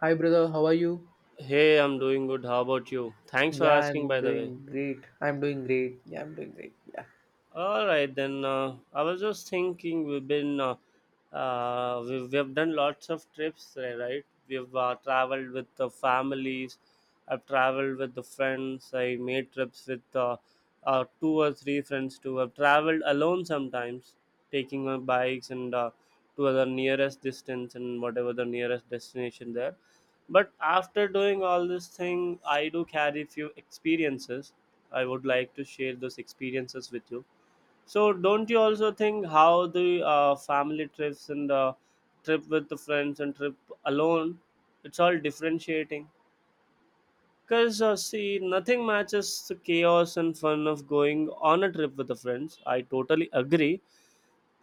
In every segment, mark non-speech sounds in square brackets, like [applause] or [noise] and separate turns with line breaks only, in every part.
Hi, brother. How are you?
Hey, I'm doing good. How about you? Thanks for
Yeah,
asking,
I'm
by the way.
doing great. I'm doing great. Yeah.
All right, then I was just thinking we've been we have done lots of trips, there, right? We've traveled with the families. I've traveled with the friends. I made trips with two or three friends too. I've traveled alone sometimes, taking my bikes and to the nearest distance and whatever the nearest destination there. But after doing all this thing, I do carry few experiences. I would like to share those experiences with you so, don't you also think how the family trips and trip with the friends and trip alone, it's all differentiating? Because, see, nothing matches the chaos and fun of going on a trip with the friends. I totally agree,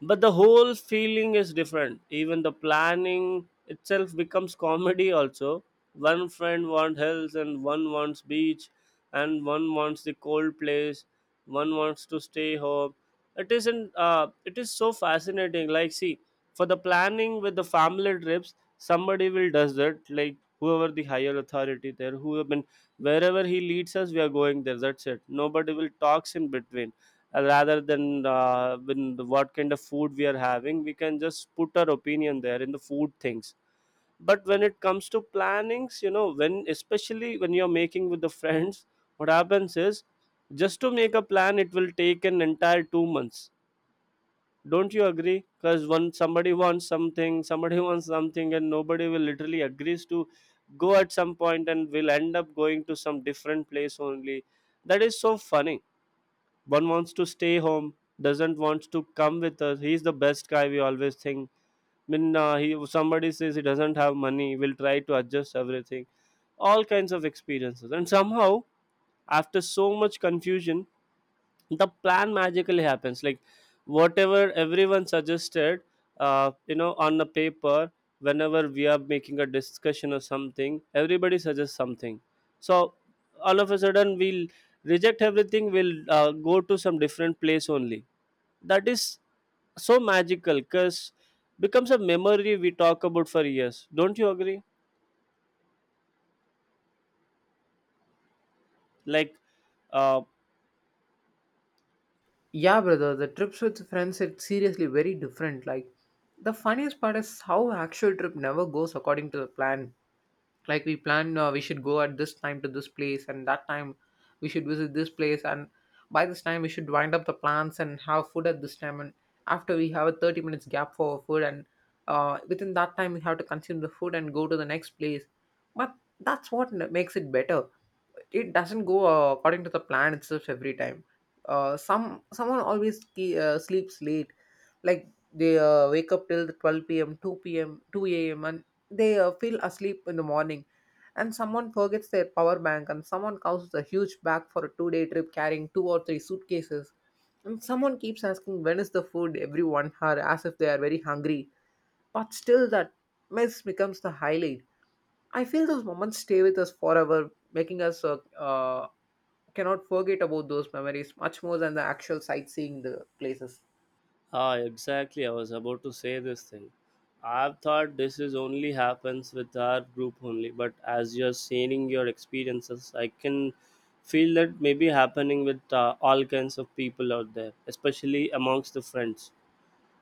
but the whole feeling is different. Even the planning itself becomes comedy also. One friend wants hills and one wants beach, and one wants the cold place, one wants to stay home. It isn't It is so fascinating. Like see, for the planning with the family trips, somebody will does that, like whoever the higher authority there who have been, wherever he leads us we are going there, that's it, nobody will talks in between, rather than when what kind of food we are having, we can just put our opinion there in the food things. But when it comes to plannings, you know, when especially when you're making with the friends, what happens is, just to make a plan it will take an entire 2 months, don't you agree? Because one somebody wants something, somebody [laughs] wants something, and nobody will literally agrees to go at some point, and will end up going to some different place only. That is so funny. One wants to stay home, doesn't wants to come with us, he's the best guy we always think. I mean, he, somebody says he doesn't have money, will try to adjust everything, all kinds of experiences. And somehow, after so much confusion, the plan magically happens, like whatever everyone suggested, you know, on the paper. Whenever we are making a discussion or something, everybody suggests something, so all of a sudden we'll reject everything, we'll go to some different place only. That is so magical because becomes a memory we talk about for years, don't you agree? Like uh,
Yeah, brother. The trips with friends, it's seriously very different. Like, the funniest part is how actual trip never goes according to the plan. Like, we plan we should go at this time to this place, and that time we should visit this place, and by this time we should wind up the plans and have food at this time. And after we have a 30 minutes gap for food, and within that time we have to consume the food and go to the next place. But that's what makes it better. It doesn't go according to the plan itself every time. Someone always sleeps late, like they wake up till the 12 p.m., 2 p.m., 2 a.m., and they feel asleep in the morning. And someone forgets their power bank, and someone causes a huge bag for a two-day trip carrying two or three suitcases. And someone keeps asking when is the food every 1 hour as if they are very hungry. But still, that mess becomes the highlight. I feel those moments stay with us forever, making us cannot forget about those memories much more than the actual sightseeing the places.
ah, exactly. I was about to say this thing. I've thought this is only happens with our group only, but as you're sharing your experiences, I can feel that maybe happening with all kinds of people out there, especially amongst the friends.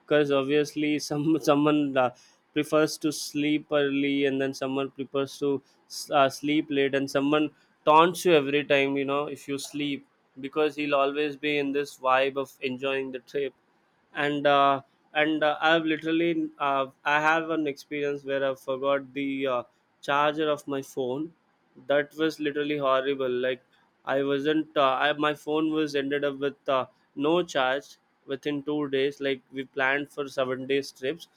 Because obviously, some [laughs] someone prefers to sleep early, and then someone prefers to sleep late, and someone taunts you every time, you know, if you sleep, because he'll always be in this vibe of enjoying the trip. And uh, and uh, I've literally uh, I have an experience where I forgot the charger of my phone. That was literally horrible. Like I wasn't. I, my phone was ended up with no charge within 2 days. Like we planned for 7 days trips,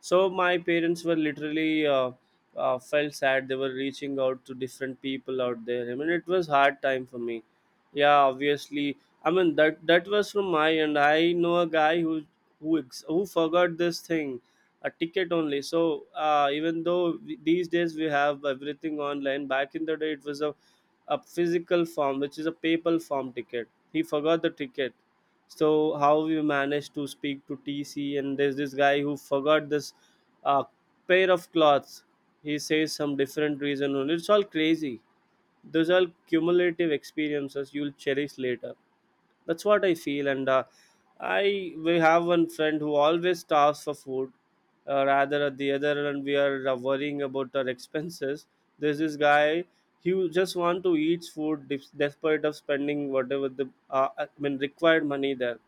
so my parents were literally felt sad, they were reaching out to different people out there. I mean, it was hard time for me, yeah, obviously. I mean, that was from my end. I know a guy who, who forgot this thing, a ticket only. So even though these days we have everything online, back in the day it was a physical form, which is a paper form ticket, he forgot the ticket. So how we managed to speak to TC. And there's this guy who forgot this uh, pair of cloths, he says some different reason only. It's all crazy. Those are cumulative experiences you'll cherish later, that's what I feel. And I We have one friend who always starves for food, rather at the other end we are worrying about our expenses. There's this guy, he will just want to eat food, despite of spending whatever the required money there.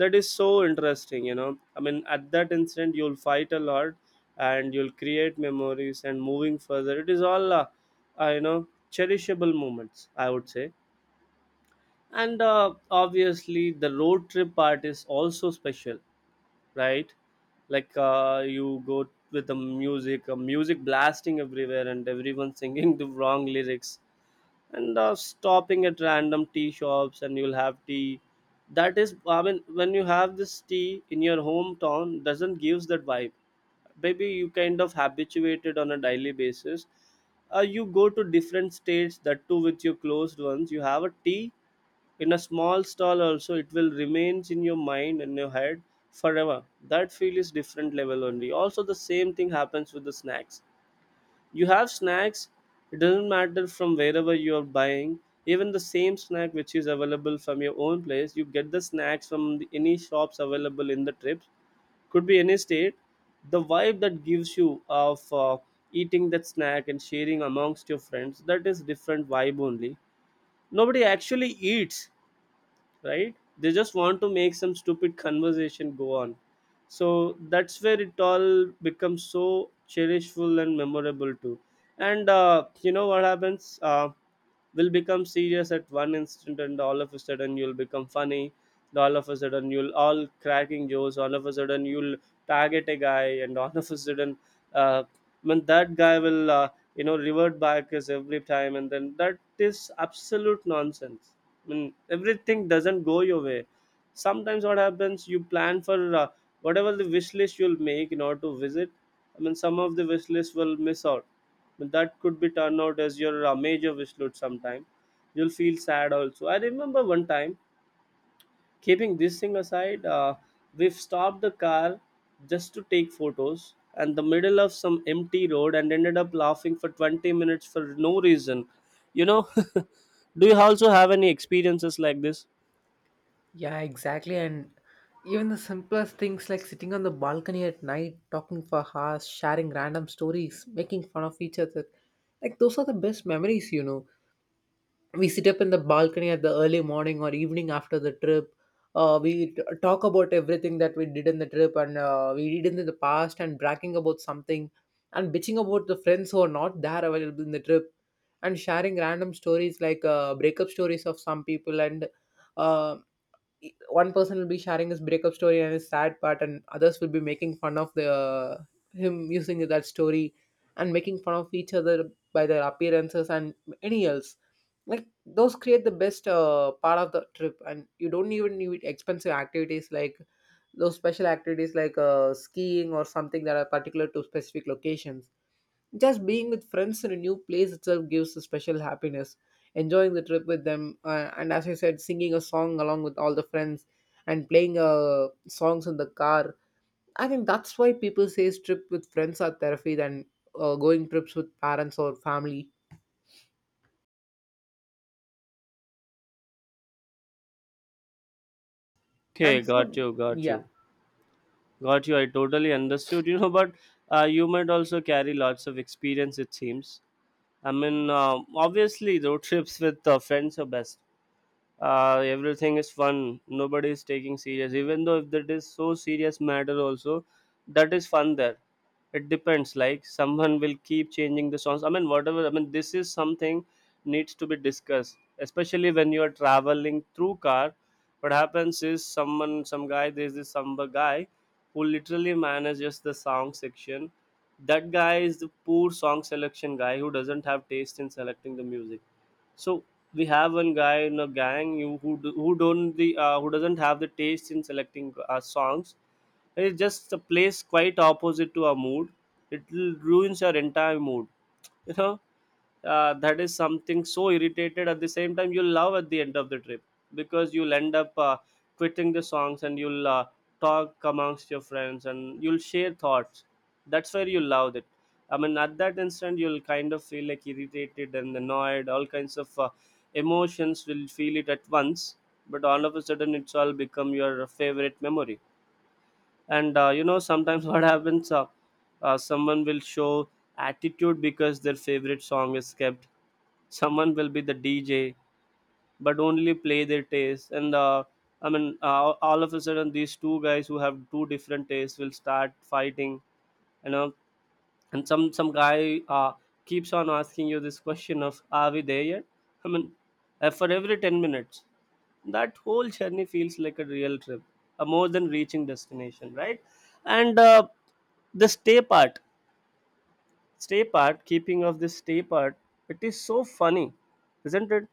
That is so interesting, you know. I mean, at that instant you'll fight a lot, and you'll create memories, and moving further it is all you know, cherishable moments, I would say. And obviously the road trip part is also special, right? Like you go with the music, music blasting everywhere and everyone [laughs] singing the wrong lyrics, and stopping at random tea shops and you'll have tea. That is, I mean, when you have this tea in your hometown, doesn't gives that vibe. Maybe you kind of habituated on a daily basis. You go to different states, that too with your closed ones you have a tea in a small stall also, it will remains in your mind and your head forever. That feel is different level only. Also the same thing happens with the snacks. You have snacks, it doesn't matter from wherever you are buying, even the same snack which is available from your own place, you get the snacks from the, any shops available in the trips, could be any state. The vibe that gives you of eating that snack and sharing amongst your friends, that is different vibe only. Nobody actually eats, right, they just want to make some stupid conversation go on. So that's where it all becomes so cherishful and memorable too. And you know what happens, will become serious at one instant and all of a sudden you'll become funny, and all of a sudden you'll all cracking jokes, all of a sudden you'll target a guy, and all of a sudden uh, when that guy will you know revert back as every time, and then that is absolute nonsense. Mean, everything doesn't go your way. Sometimes what happens, you plan for whatever the wish list you'll make in order to visit, I mean some of the wish list will miss out, but that could be turned out as your major wish list sometime. You'll feel sad also. I remember one time, keeping this thing aside, we've stopped the car just to take photos and the middle of some empty road, and ended up laughing for 20 minutes for no reason, you know. [laughs] Do you also have any experiences like this?
Yeah, exactly. And even the simplest things like sitting on the balcony at night, talking for hours, sharing random stories, making fun of each other. Like those are the best memories. We sit up in the balcony at the early morning or evening after the trip. Uh, We t- talk about everything that we did in the trip, and we did in the past, and bragging about something, and bitching about the friends who are not there available in the trip, and sharing random stories like breakup stories of some people. And um one person will be sharing his breakup story and his sad part, and others will be making fun of the him using that story, and making fun of each other by their appearances and any else. Like those create the best part of the trip, and you don't even need expensive activities like those special activities like skiing or something that are particular to specific locations. Just being with friends in a new place itself gives a special happiness. Enjoying the trip with them, and as I said, singing a song along with all the friends, and playing songs in the car. I think that's why people say trip with friends are therapy than going trips with parents or family.
Okay,
And
got
food,
you, got
yeah,
you, got you. I totally understood. You know, but you might also carry lots of experience. It seems. I mean, obviously, road [laughs] trips with friends are best. Everything is fun, nobody is taking serious, even though if that is so serious matter also, that is fun there. It depends, like someone will keep changing the songs. I mean, whatever, I mean, this is something needs to be discussed, especially when you are traveling through car. What happens is, someone some guy there's this some guy who literally manages the song section. That guy is the poor song selection guy who doesn't have taste in selecting the music. So we have one guy in a gang, you who do, who don't the who doesn't have the taste in selecting songs. It just plays quite opposite to our mood. It ruins our entire mood. You know, that is something so irritated, at the same time you'll love at the end of the trip, because you'll end up quitting the songs and you'll talk amongst your friends and you'll share thoughts. That's where you love it. I mean, at that instant you'll kind of feel like irritated and annoyed, all kinds of emotions will feel it at once, but all of a sudden it's all become your favorite memory. And you know sometimes [laughs] what happens, someone will show attitude because their favorite song is kept. Someone will be the DJ, but only play their taste. And I mean, all of a sudden, these two guys who have two different tastes will start fighting. You know, and some guy keeps on asking you this question of "Are we there yet?" I mean, for every 10 minutes, that whole journey feels like a real trip, more than reaching destination, right? And the stay part, keeping of this stay part, it is so funny, isn't it?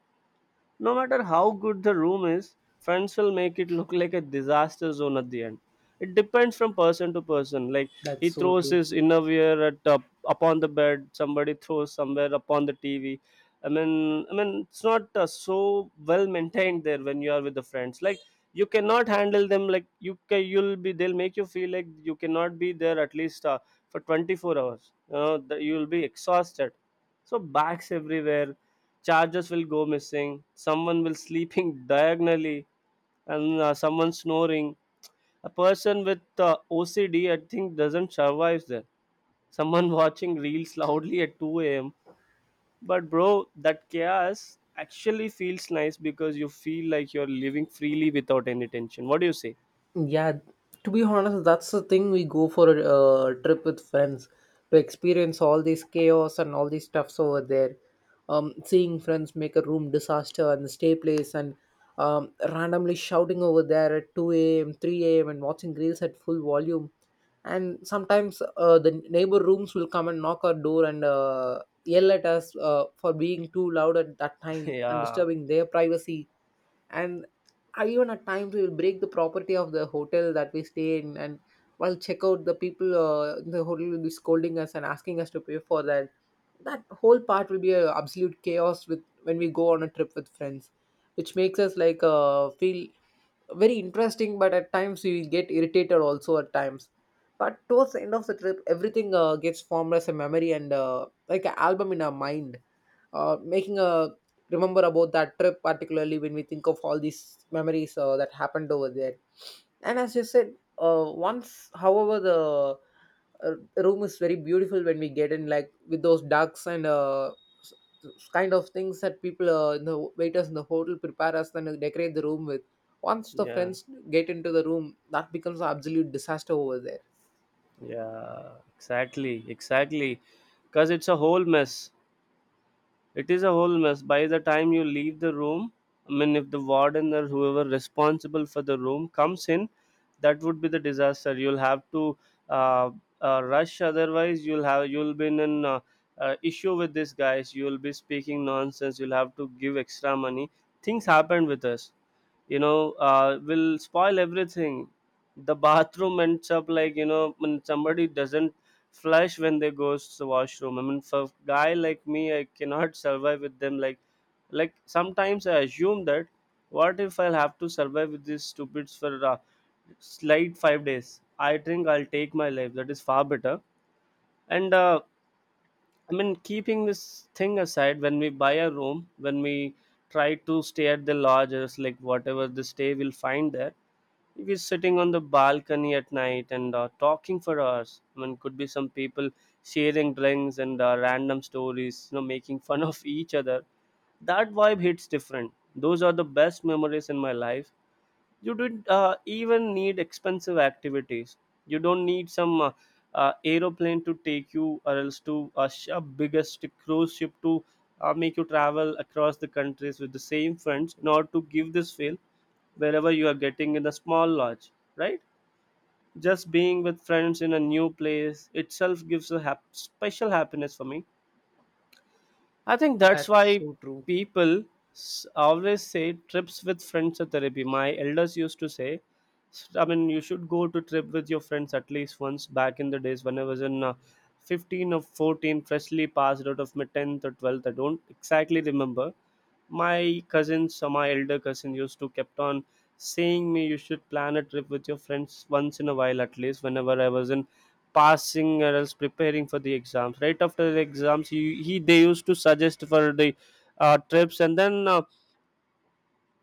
No matter how good the room is, friends will make it look like a disaster zone at the end. It depends from person to person. Like
that's
he
so
throws
true.
his innerwear at up upon the bed, somebody throws somewhere upon the TV. I mean, it's not so well maintained there when you are with the friends. Like you cannot handle them. Like you'll be. They'll make you feel like you cannot be there at least for 24 hours. You know, that you'll be exhausted. So bags everywhere, chargers will go missing. Someone will sleeping [laughs] diagonally, and someone snoring. A person with OCD, I think, doesn't survive there. Someone [laughs] watching reels loudly at 2 a.m. But bro, that chaos actually feels nice because you feel like you're living freely without any tension. What do you say?
Yeah, to be honest, that's the thing we go for a trip with friends, to experience all this chaos and all these stuffs over there. Seeing friends make a room disaster and the stay place, and randomly shouting over there at 2 a.m., 3 a.m., and watching reels at full volume. And sometimes the neighbor rooms will come and knock our door and yell at us for being too loud at that
[laughs]
time and
Yeah,
disturbing their privacy. And even at times we will break the property of the hotel that we stay in, and while check out the people in the hotel will be scolding us and asking us to pay for that. That whole part will be a absolute chaos with when we go on a trip with friends, which makes us like feel very interesting, but at times we get irritated also at times. But towards the end of the trip, everything gets formed as a memory and like an album in our mind, making a remember about that trip particularly when we think of all these memories that happened over there. And as you said, once however the room is very beautiful when we get in, like with those ducks and s- kind of things that people in the waiters in the hotel prepare us and decorate the room with. Once the
yeah,
friends get into the room, that becomes an absolute disaster over there.
yeah. Exactly, exactly. Cause it's a whole mess. It is a whole mess. By the time you leave the room, I mean, if the warden or whoever responsible for the room comes in, that would be the disaster. You'll have to uh, rush. Otherwise, you'll be in an issue with these guys. You'll be speaking nonsense. You'll have to give extra money. Things happened with us, will spoil everything. The bathroom ends up like, you know, when somebody doesn't flush when they goes to the washroom. I mean, for guy like me, I cannot [laughs] survive with them. Like sometimes I assume that what if I'll have to survive with these stupids for slight 5 days? I think I'll take my life. That is far better. And I mean, keeping this thing aside, when we buy a room, when we try to stay at the lodges, like whatever the stay we'll find there, we're sitting on the balcony at night and talking for hours. I mean, could be some people sharing drinks and random stories, you know, making fun of each other. That vibe hits different. Those are the best memories in my life. You don't even need expensive activities. You don't need some aeroplane to take you or else to a a biggest cruise ship to make you travel across the countries with the same friends in order to give this feel. Wherever you are getting in a small lodge, right, just being with friends in a new place itself gives a special happiness for me. I think that's
That's
why
so true.
people always say trips with friends are therapy. My elders used to say, I mean, you should go to trip with your friends at least once. Back in the days when I was in 15 or 14, freshly passed out of my 10th or 12th. I don't exactly remember. My cousins, or my elder cousin, used to kept on saying me you should plan a trip with your friends once in a while at least. Whenever I was in passing or else preparing for the exams, right after the exams, he they used to suggest for the trips. And then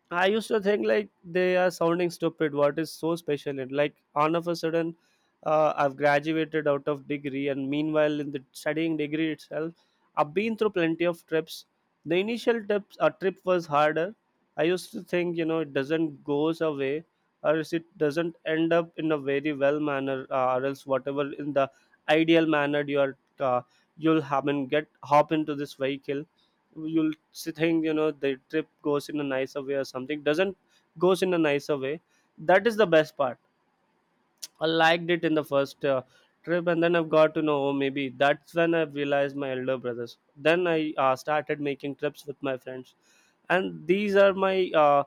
I used to think like they are sounding stupid. What is so special? And like all of a sudden, I've graduated out of degree, and meanwhile, in the studying degree itself, I've been through plenty of trips. The initial trips, a trip was harder. I used to think, you know, it doesn't goes away, or else it doesn't end up in a very well manner, or else whatever in the ideal manner you are, you'll have and get hop into this vehicle. You'll think, you know, the trip goes in a nicer way or something doesn't goes in a nicer way. That is the best part. I liked it in the first trip. And then I've got to know, oh, maybe that's when I realized my elder brothers. Then I started making trips with my friends, and these are my uh,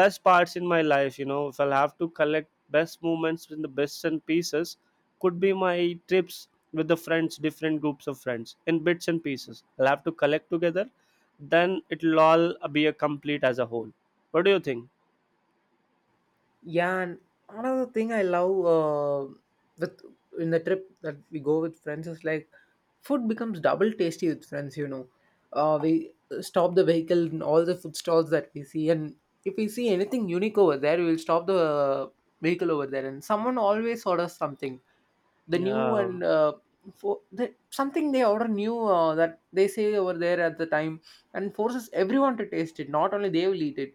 best parts in my life. You know, if I'll have to collect best moments in the bits and pieces, could be my trips with the friends, different groups of friends in bits and pieces I'll have to collect together, then it'll all be a complete as a whole. What do you think?
Yeah, and another thing I love uh, with in the trip that we go with friends is like food becomes double tasty with friends. You know, we stop the vehicle in all the food stalls that we see, and if we see anything unique over there, we will stop the vehicle over there, and someone always orders something, the new
Yeah,
and for the something they order new that they say over there at the time, and forces everyone to taste it. Not only they will eat it,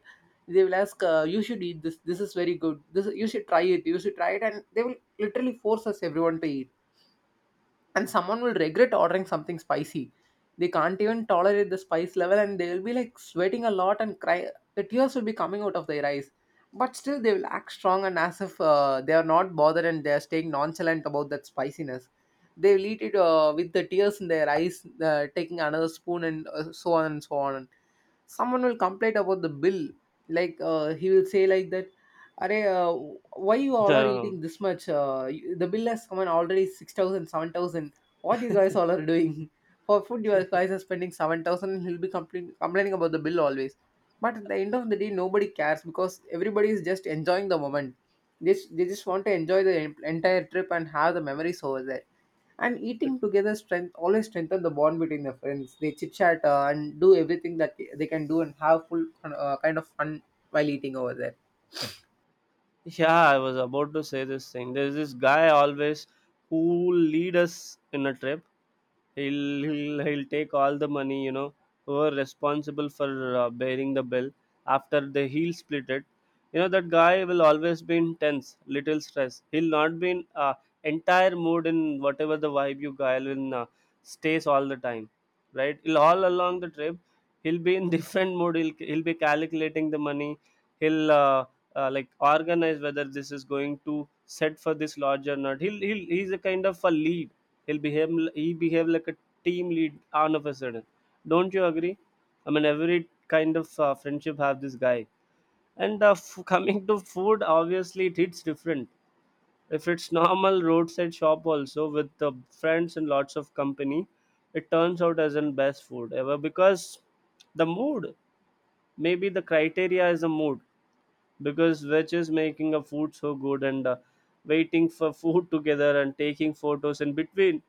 they will ask, you should eat this, this is very good, this you should try it, you should try it, and they will literally force us everyone to eat. And someone will regret ordering something spicy. They can't even tolerate the spice level, and they will be like sweating a lot and cry. The tears will be coming out of their eyes, but still they will act strong and as if they are not bothered and they are staying nonchalant about that spiciness. They will eat it with the tears in their eyes, taking another spoon and so on and so on. Someone will complain about the bill. Like he will say like that, are why you
[laughs]
all are eating
um,
this much, the bill has come in already 6000, 7000. What you guys all are doing [laughs] for food? You guys are spending 7000. He'll be complaining about the bill always. But at the end of the day, nobody cares because everybody is just enjoying the moment. They they just want to enjoy the entire trip and have the memories over there. And eating together strength always strengthen the bond between the friends. They chit chat, and do everything that they can do and have full kind of fun while eating over there.
yeah, I was about to say this thing. There's this guy always who lead us in a trip. He'll take all the money. You know, who are responsible for bearing the bill. After they He'll split it. You know that guy will always be in tense, little stress. He'll not be in entire mood in whatever the vibe you guy will in, stays all the time, right? He'll all along the trip, he'll be in [laughs] different mood. He'll be calculating the money. He'll like organize whether this is going to set for this lodge or not. He's a kind of a lead. He'll behave, he behave like a team lead all of a sudden. Don't you agree? I mean, every kind of friendship have this guy. And coming to food, obviously it hits different. If it's normal roadside shop also with the friends and lots of company, it turns out as the best food ever because the mood, maybe the criteria is the mood, because which is making a food so good. And waiting for [laughs] food together and taking photos in between.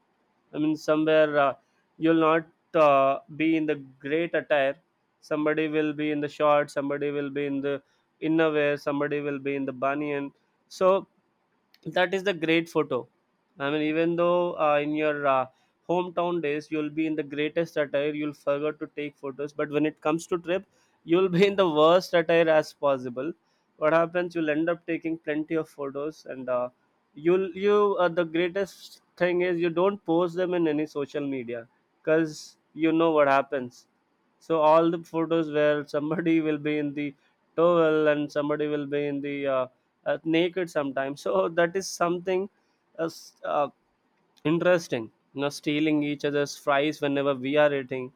I mean, somewhere you'll not be in the great attire. Somebody will be in the short, somebody will be in the innerwear, somebody will be in the banyan. So that is the great photo. I mean, even though in your hometown days you'll be in the greatest attire, you'll forget to take photos, but when it comes to trip, you'll be in the worst attire as possible. What happens, you'll end up taking plenty of photos. And you'll you the greatest thing is you don't post them in any social media because you know what happens. So all the photos where somebody [laughs] will be in the towel and somebody will be in the naked sometimes. So that is something uh, s- uh, interesting. You know, stealing each other's fries whenever we are eating.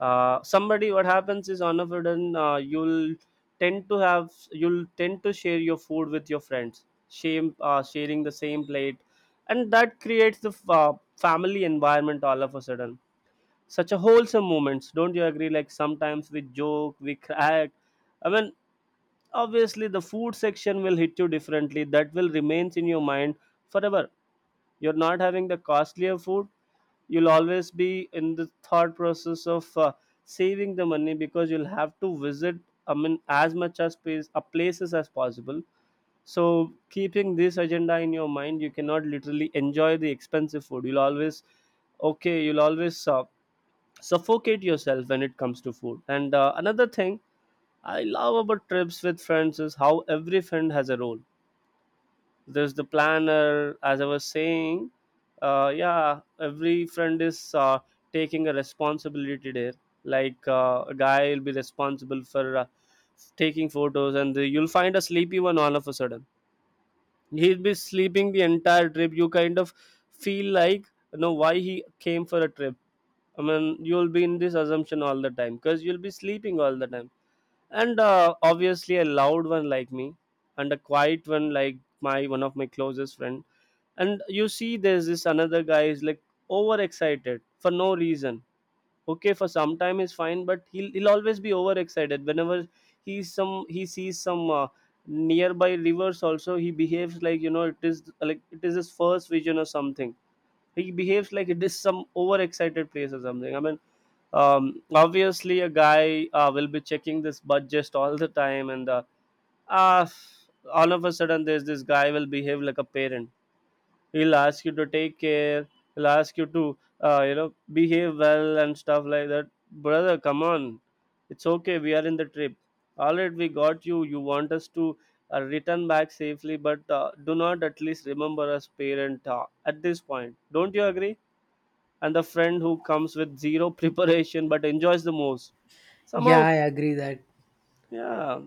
Somebody, what happens is on a sudden you'll tend to have you'll tend to share your food with your friends. Shame, sharing the same plate, and that creates the family environment all of a sudden. Such a wholesome moments, don't you agree? Like sometimes we joke, we crack. I mean, obviously the food section will hit you differently. That will remains in your mind forever. You're not having the costlier food. You'll always be in the thought process of saving the money because you'll have to visit, I mean, as much as place, places as possible. So keeping this agenda in your mind, you cannot literally enjoy the expensive food. You'll always, okay, you'll always suffocate yourself when it comes to food. And another thing I love about trips with friends is how every friend has a role. There's the planner, as I was saying. Yeah, every friend is taking a responsibility there. Like a guy will be responsible for taking photos, and the, you'll find a sleepy one all of a sudden. He'll be sleeping the entire trip. You kind of feel like, you know, why he came for a trip. I mean, you'll be in this assumption all the time because you'll be sleeping all the time. And obviously a loud one like me, and a quiet one like my one of my closest friend. And you see there's this another guy is like overexcited for no reason. Okay, for some time is fine, but he'll always be overexcited whenever he sees some nearby rivers also. He behaves like, you know, it is like it is his first vision or something. He behaves like it is some overexcited place or something. I mean, obviously a guy will be checking this budget all the time. And uh, all of a sudden there's this guy will behave like a parent. He'll ask you to take care. He'll ask you to, you know, behave well and stuff like that. Brother, come on, it's okay, we are in the trip. All right, we got you, you want us to return back safely. But do not at least remember us parent at this point, don't you agree? And the friend who comes with zero [laughs] preparation but enjoys the most.
Yeah,
Somehow,
I agree that.
yeah,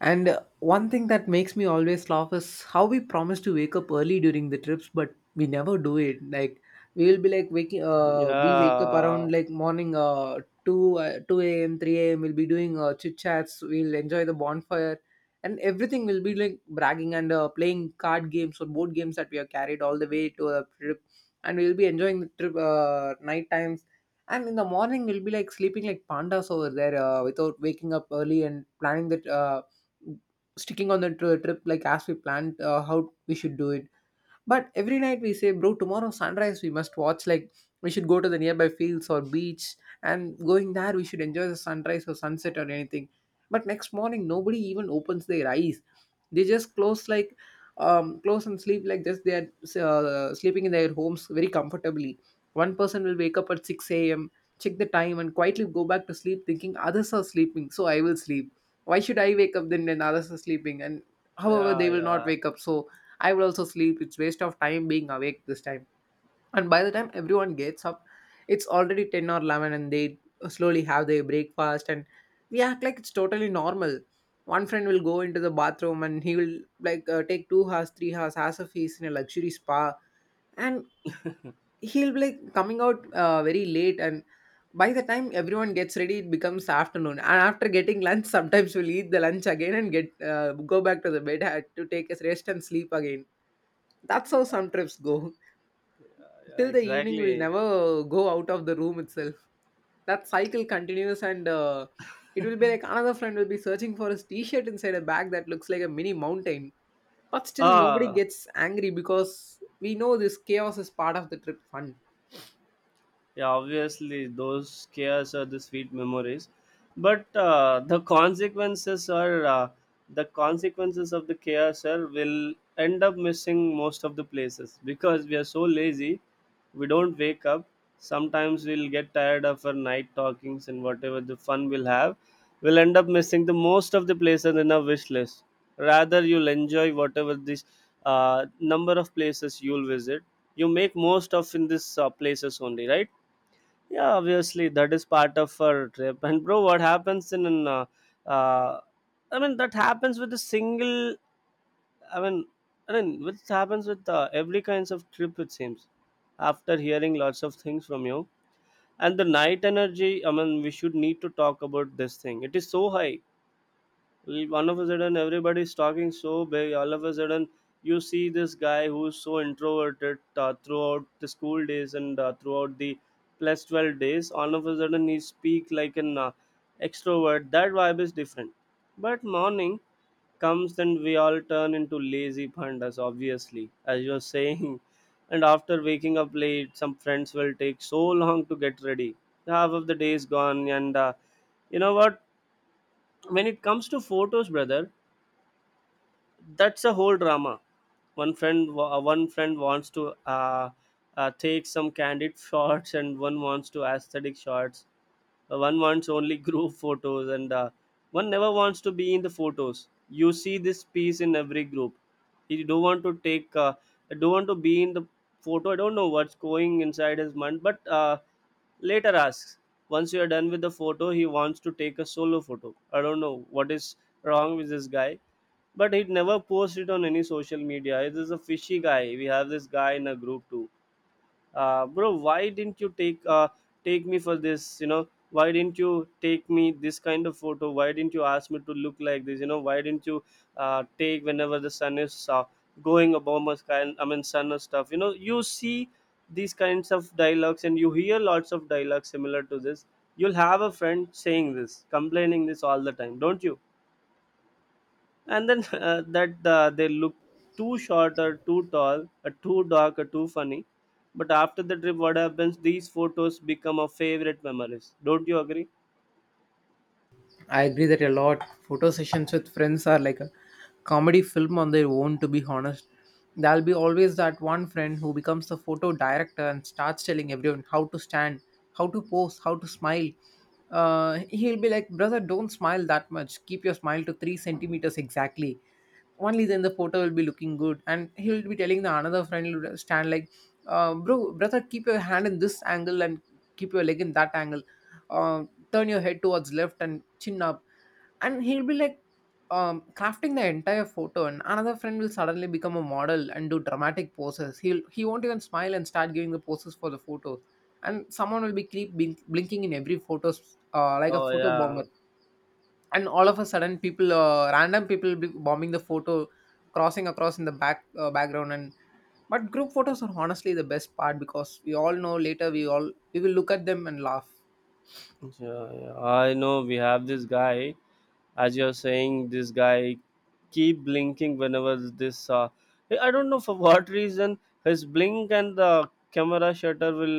And one thing that makes me always laugh is how we promise to wake up early during the trips, but we never do it. Like, we will be like we wake up
yeah,
around like morning, two a.m., three a.m. We'll be doing chit chats. We'll enjoy the bonfire, and everything will be like bragging, and playing card games or board games that we have carried all the way to a trip, and we'll be enjoying the trip night times. And in the morning, we'll be like sleeping like pandas over there without waking up early and planning that. Sticking on the trip like as we planned how we should do it. But every night we say, bro, tomorrow sunrise we must watch. Like, we should go to the nearby fields or beach, and going there we should enjoy the sunrise or sunset or anything. But next morning nobody even opens their eyes. They just close like close and sleep like this. They are sleeping in their homes very comfortably. One person will wake up at six a.m. Check the time and quietly go back to sleep, thinking others are sleeping, so I will sleep. Why should I wake up then when others are sleeping? And however,
yeah, yeah,
they will not
yeah,
wake up. So I will also sleep. It's waste of time being awake this time. And by the time everyone gets up, it's already 10 or 11, and they slowly have their breakfast, and we act like it's totally normal. One friend will go into the bathroom, and he will like take 2 hours, 3 hours as if he's in a luxury spa. And he'll be like coming out very late, and by the time everyone gets ready it becomes afternoon, and after getting lunch [laughs] sometimes we'll eat the lunch again and get go back to the bed had to take a rest and sleep again. That's how some trips go. [laughs]
yeah,
till the evening, we'll
exactly.
never go out of the room itself. That cycle continues. And it will be like another friend will be searching for his t-shirt inside a bag that looks like a mini mountain, but still nobody
Ah,
gets angry because we know this chaos is part of the trip fun.
yeah, obviously those scares are the sweet memories, but the consequences are the consequences of the chaos are will end up missing most of the places because we are so lazy, we don't wake up. Sometimes we'll get tired of our night talkings and whatever the fun we'll have, we'll end up missing the most of the places in our wish list. Rather, you'll enjoy whatever this number of places you'll visit. You make most of in this places only, right? Yeah, obviously that is part of our trip. And bro, what happens in uh, that happens with a single. I mean, which happens with every kinds of trip, it seems. After hearing lots of things from you and the night energy, I mean, we should need to talk about this thing. It is so high. All of a sudden everybody's talking so big. All of a sudden you see this guy who's so introverted throughout the school days, and throughout the plus 12 days, all of a sudden he speak like an extrovert. That vibe is different. But morning comes and we all turn into lazy pandas, obviously, as you're saying. [laughs] And after waking up late, some friends will take so long to get ready. Half of the day is gone, and you know what, when it comes to photos, brother, that's a whole drama. One friend wants to take some candid [laughs] shots, and one wants to aesthetic shots. One wants only group photos, and one never wants to be in the photos. You see this piece in every group. You don't want to take, I don't want to be in the photo. I don't know what's going inside his mind, but later asks. Once you are done with the photo, he wants to take a solo photo. I don't know what is wrong with this guy, but he never posts it on any social media. This is a fishy guy. We have this guy in a group too. Bro, why didn't you take take me for this? You know, why didn't you take me this kind of photo? Why didn't you ask me to look like this? You know, why didn't you take whenever the sun is going above my sky? I mean, sun or stuff. You know, you see these kinds of dialogues, and you hear lots of dialogues similar to this. You'll have a friend saying this, complaining this all the time, don't you? And then [laughs] that they look too short or too tall or too dark or too funny. But after the trip, what happens, these photos become our favorite memories, don't you agree?
I agree that a lot. Photo sessions with friends are like a comedy film on their own, to be honest. There'll be always that one friend who becomes the photo director and starts telling everyone how to stand, how to pose, how to smile. He'll be like, brother, don't smile that much. Keep your smile to three centimeters exactly, only then the photo will be looking good. And he'll be telling the another friend will stand like, brother, keep your hand in this angle, and keep your leg in that angle, uh, turn your head towards left and chin up. And he'll be like crafting the entire photo. And another friend will suddenly become a model and do dramatic poses. He'll, he won't even smile and start giving the poses for the photos. And someone will be keep blinking in every photo, like a
Oh
photo bomber.
yeah,
And all of a sudden people, random people be bombing the photo, crossing across in the background. And but group photos are honestly the best part, because we all know later we all we will look at them and laugh.
yeah, yeah. I know we have this guy. As you're saying, this guy keep blinking whenever this, I don't know for [laughs] what reason, his blink and the camera shutter will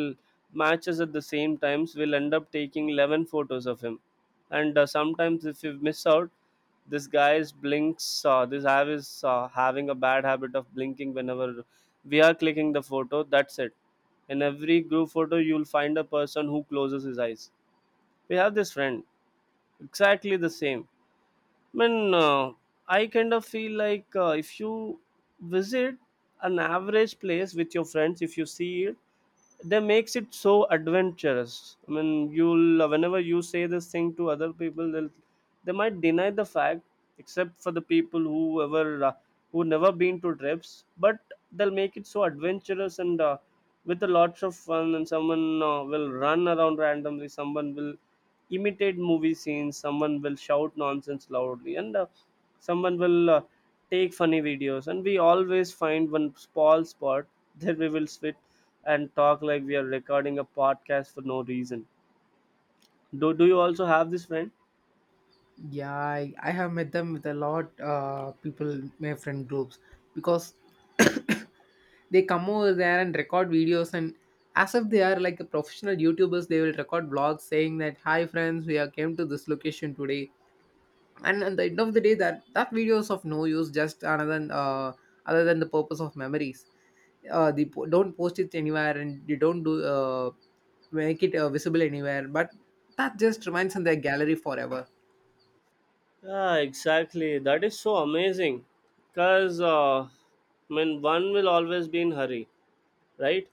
matches at the same times. We'll end up taking 11 photos of him. And sometimes if you miss out this guy's blinks, this have is having a bad habit of blinking whenever we are clicking the photo, that's it. In every group photo you'll find a person who closes his eyes. We have this friend exactly the same. I mean, uh, I kind of feel like, if you visit an average place with your friends, if you see it, that makes it so adventurous. I mean, you'll, whenever you say this thing to other people, they'll, they might deny the fact, except for the people who ever who never been to trips. But they'll make it so adventurous, and with a lots of fun. And someone will run around randomly, someone will imitate movie scenes, someone will shout nonsense loudly, and someone will take funny videos. And we always find one small spot [laughs] that we will sit and talk like we are recording a podcast for no reason. Do you also have this friend?
Yeah, I have met them with a lot people my friend groups because [coughs] they come over there and record videos, and as if they are like a professional youtubers, they will record vlogs saying that, hi friends, we are came to this location today. And at the end of the day, that video is of no use just another than, other than the purpose of memories. Don't post it anywhere, and you don't do make it visible anywhere, but that just remains in their gallery forever.
Yeah, exactly. That is so amazing. Because, I mean, one will always be in hurry, right?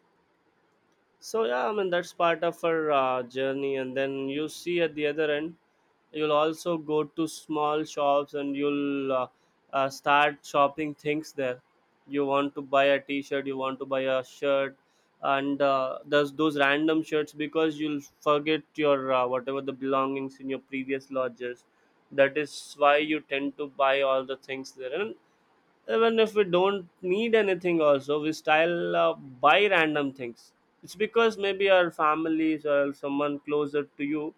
So yeah, I mean, that's part of our journey. And then you see at the other end, you'll also go to small shops, and you'll start shopping things there. You want to buy a t-shirt, you want to buy a shirt. And there's those random shirts, because you'll forget your whatever the belongings in your previous lodges. That is why you tend to buy all the things there. And even if we don't need anything also, we style buy random things. It's because maybe our families or someone closer to you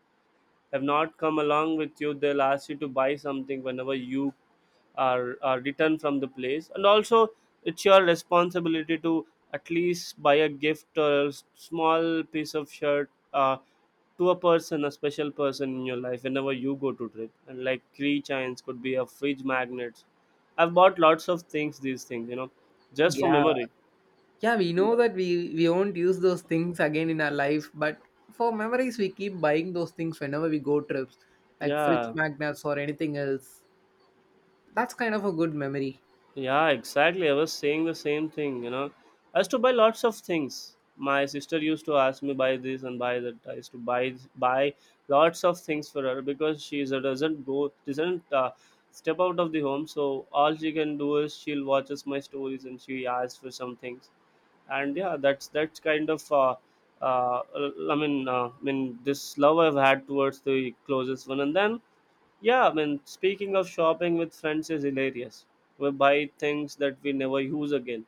have not come along with you, they'll ask you to buy something whenever you are returned from the place. And also it's your responsibility to at least buy a gift or a small piece of shirt to a person, a special person in your life whenever you go to trip. And like key chains could be a fridge magnets. I've bought lots of things, these things, you know, just for
Yeah,
memory.
yeah, we know that we won't use those things again in our life, but for memories we keep buying those things whenever we go trips, like fridge
Yeah,
magnets or anything else. That's kind of a good memory.
yeah, exactly. I was saying the same thing, you know. I used to buy lots of things. My sister used to ask me buy this and buy that. I used to buy lots of things for her, because doesn't go, doesn't step out of the home. So all she can do is she'll watches my stories and she asks for some things. And yeah, that's uh, I mean, this love I've had towards the closest one. And then yeah, I mean, speaking of shopping with friends is hilarious. We buy things that we never use again.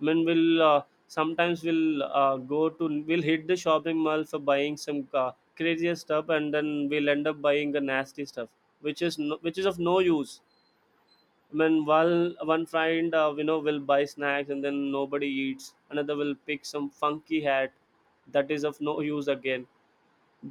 I mean, we'll sometimes we'll go to we'll hit the shopping mall for buying some craziest stuff, and then we'll end up buying the nasty stuff, which is of no use. When, while one friend, you know, will buy snacks and then nobody eats, another will pick some funky hat that is of no use again.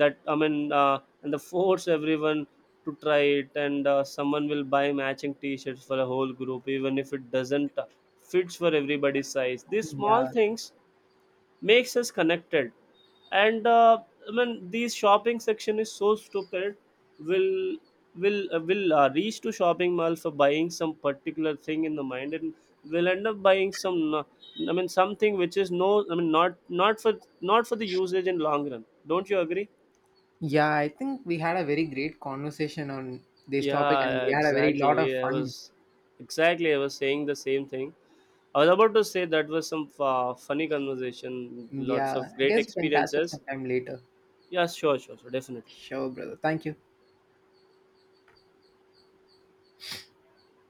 That I mean and the force everyone to try it. And someone will buy matching t-shirts for a whole group even if it doesn't fits for everybody's size. These small
Yeah,
things makes us connected. And I mean, these shopping section is so stupid. Will, will reach to shopping mall for buying some particular thing in the mind, and will end up buying some I mean something which is I mean not for, not for the usage in long run, don't you agree?
yeah, I think we had a very great conversation on this topic and
Yeah,
we had a very lot of
exactly, I
fun.
was, exactly I was saying the same thing. I was about to say that was some funny conversation. Lots
Yeah,
of
I
great
guess we can catch up
experiences.
sometime later.
Yeah, sure, sure, sure, definitely.
Sure, brother. Thank you.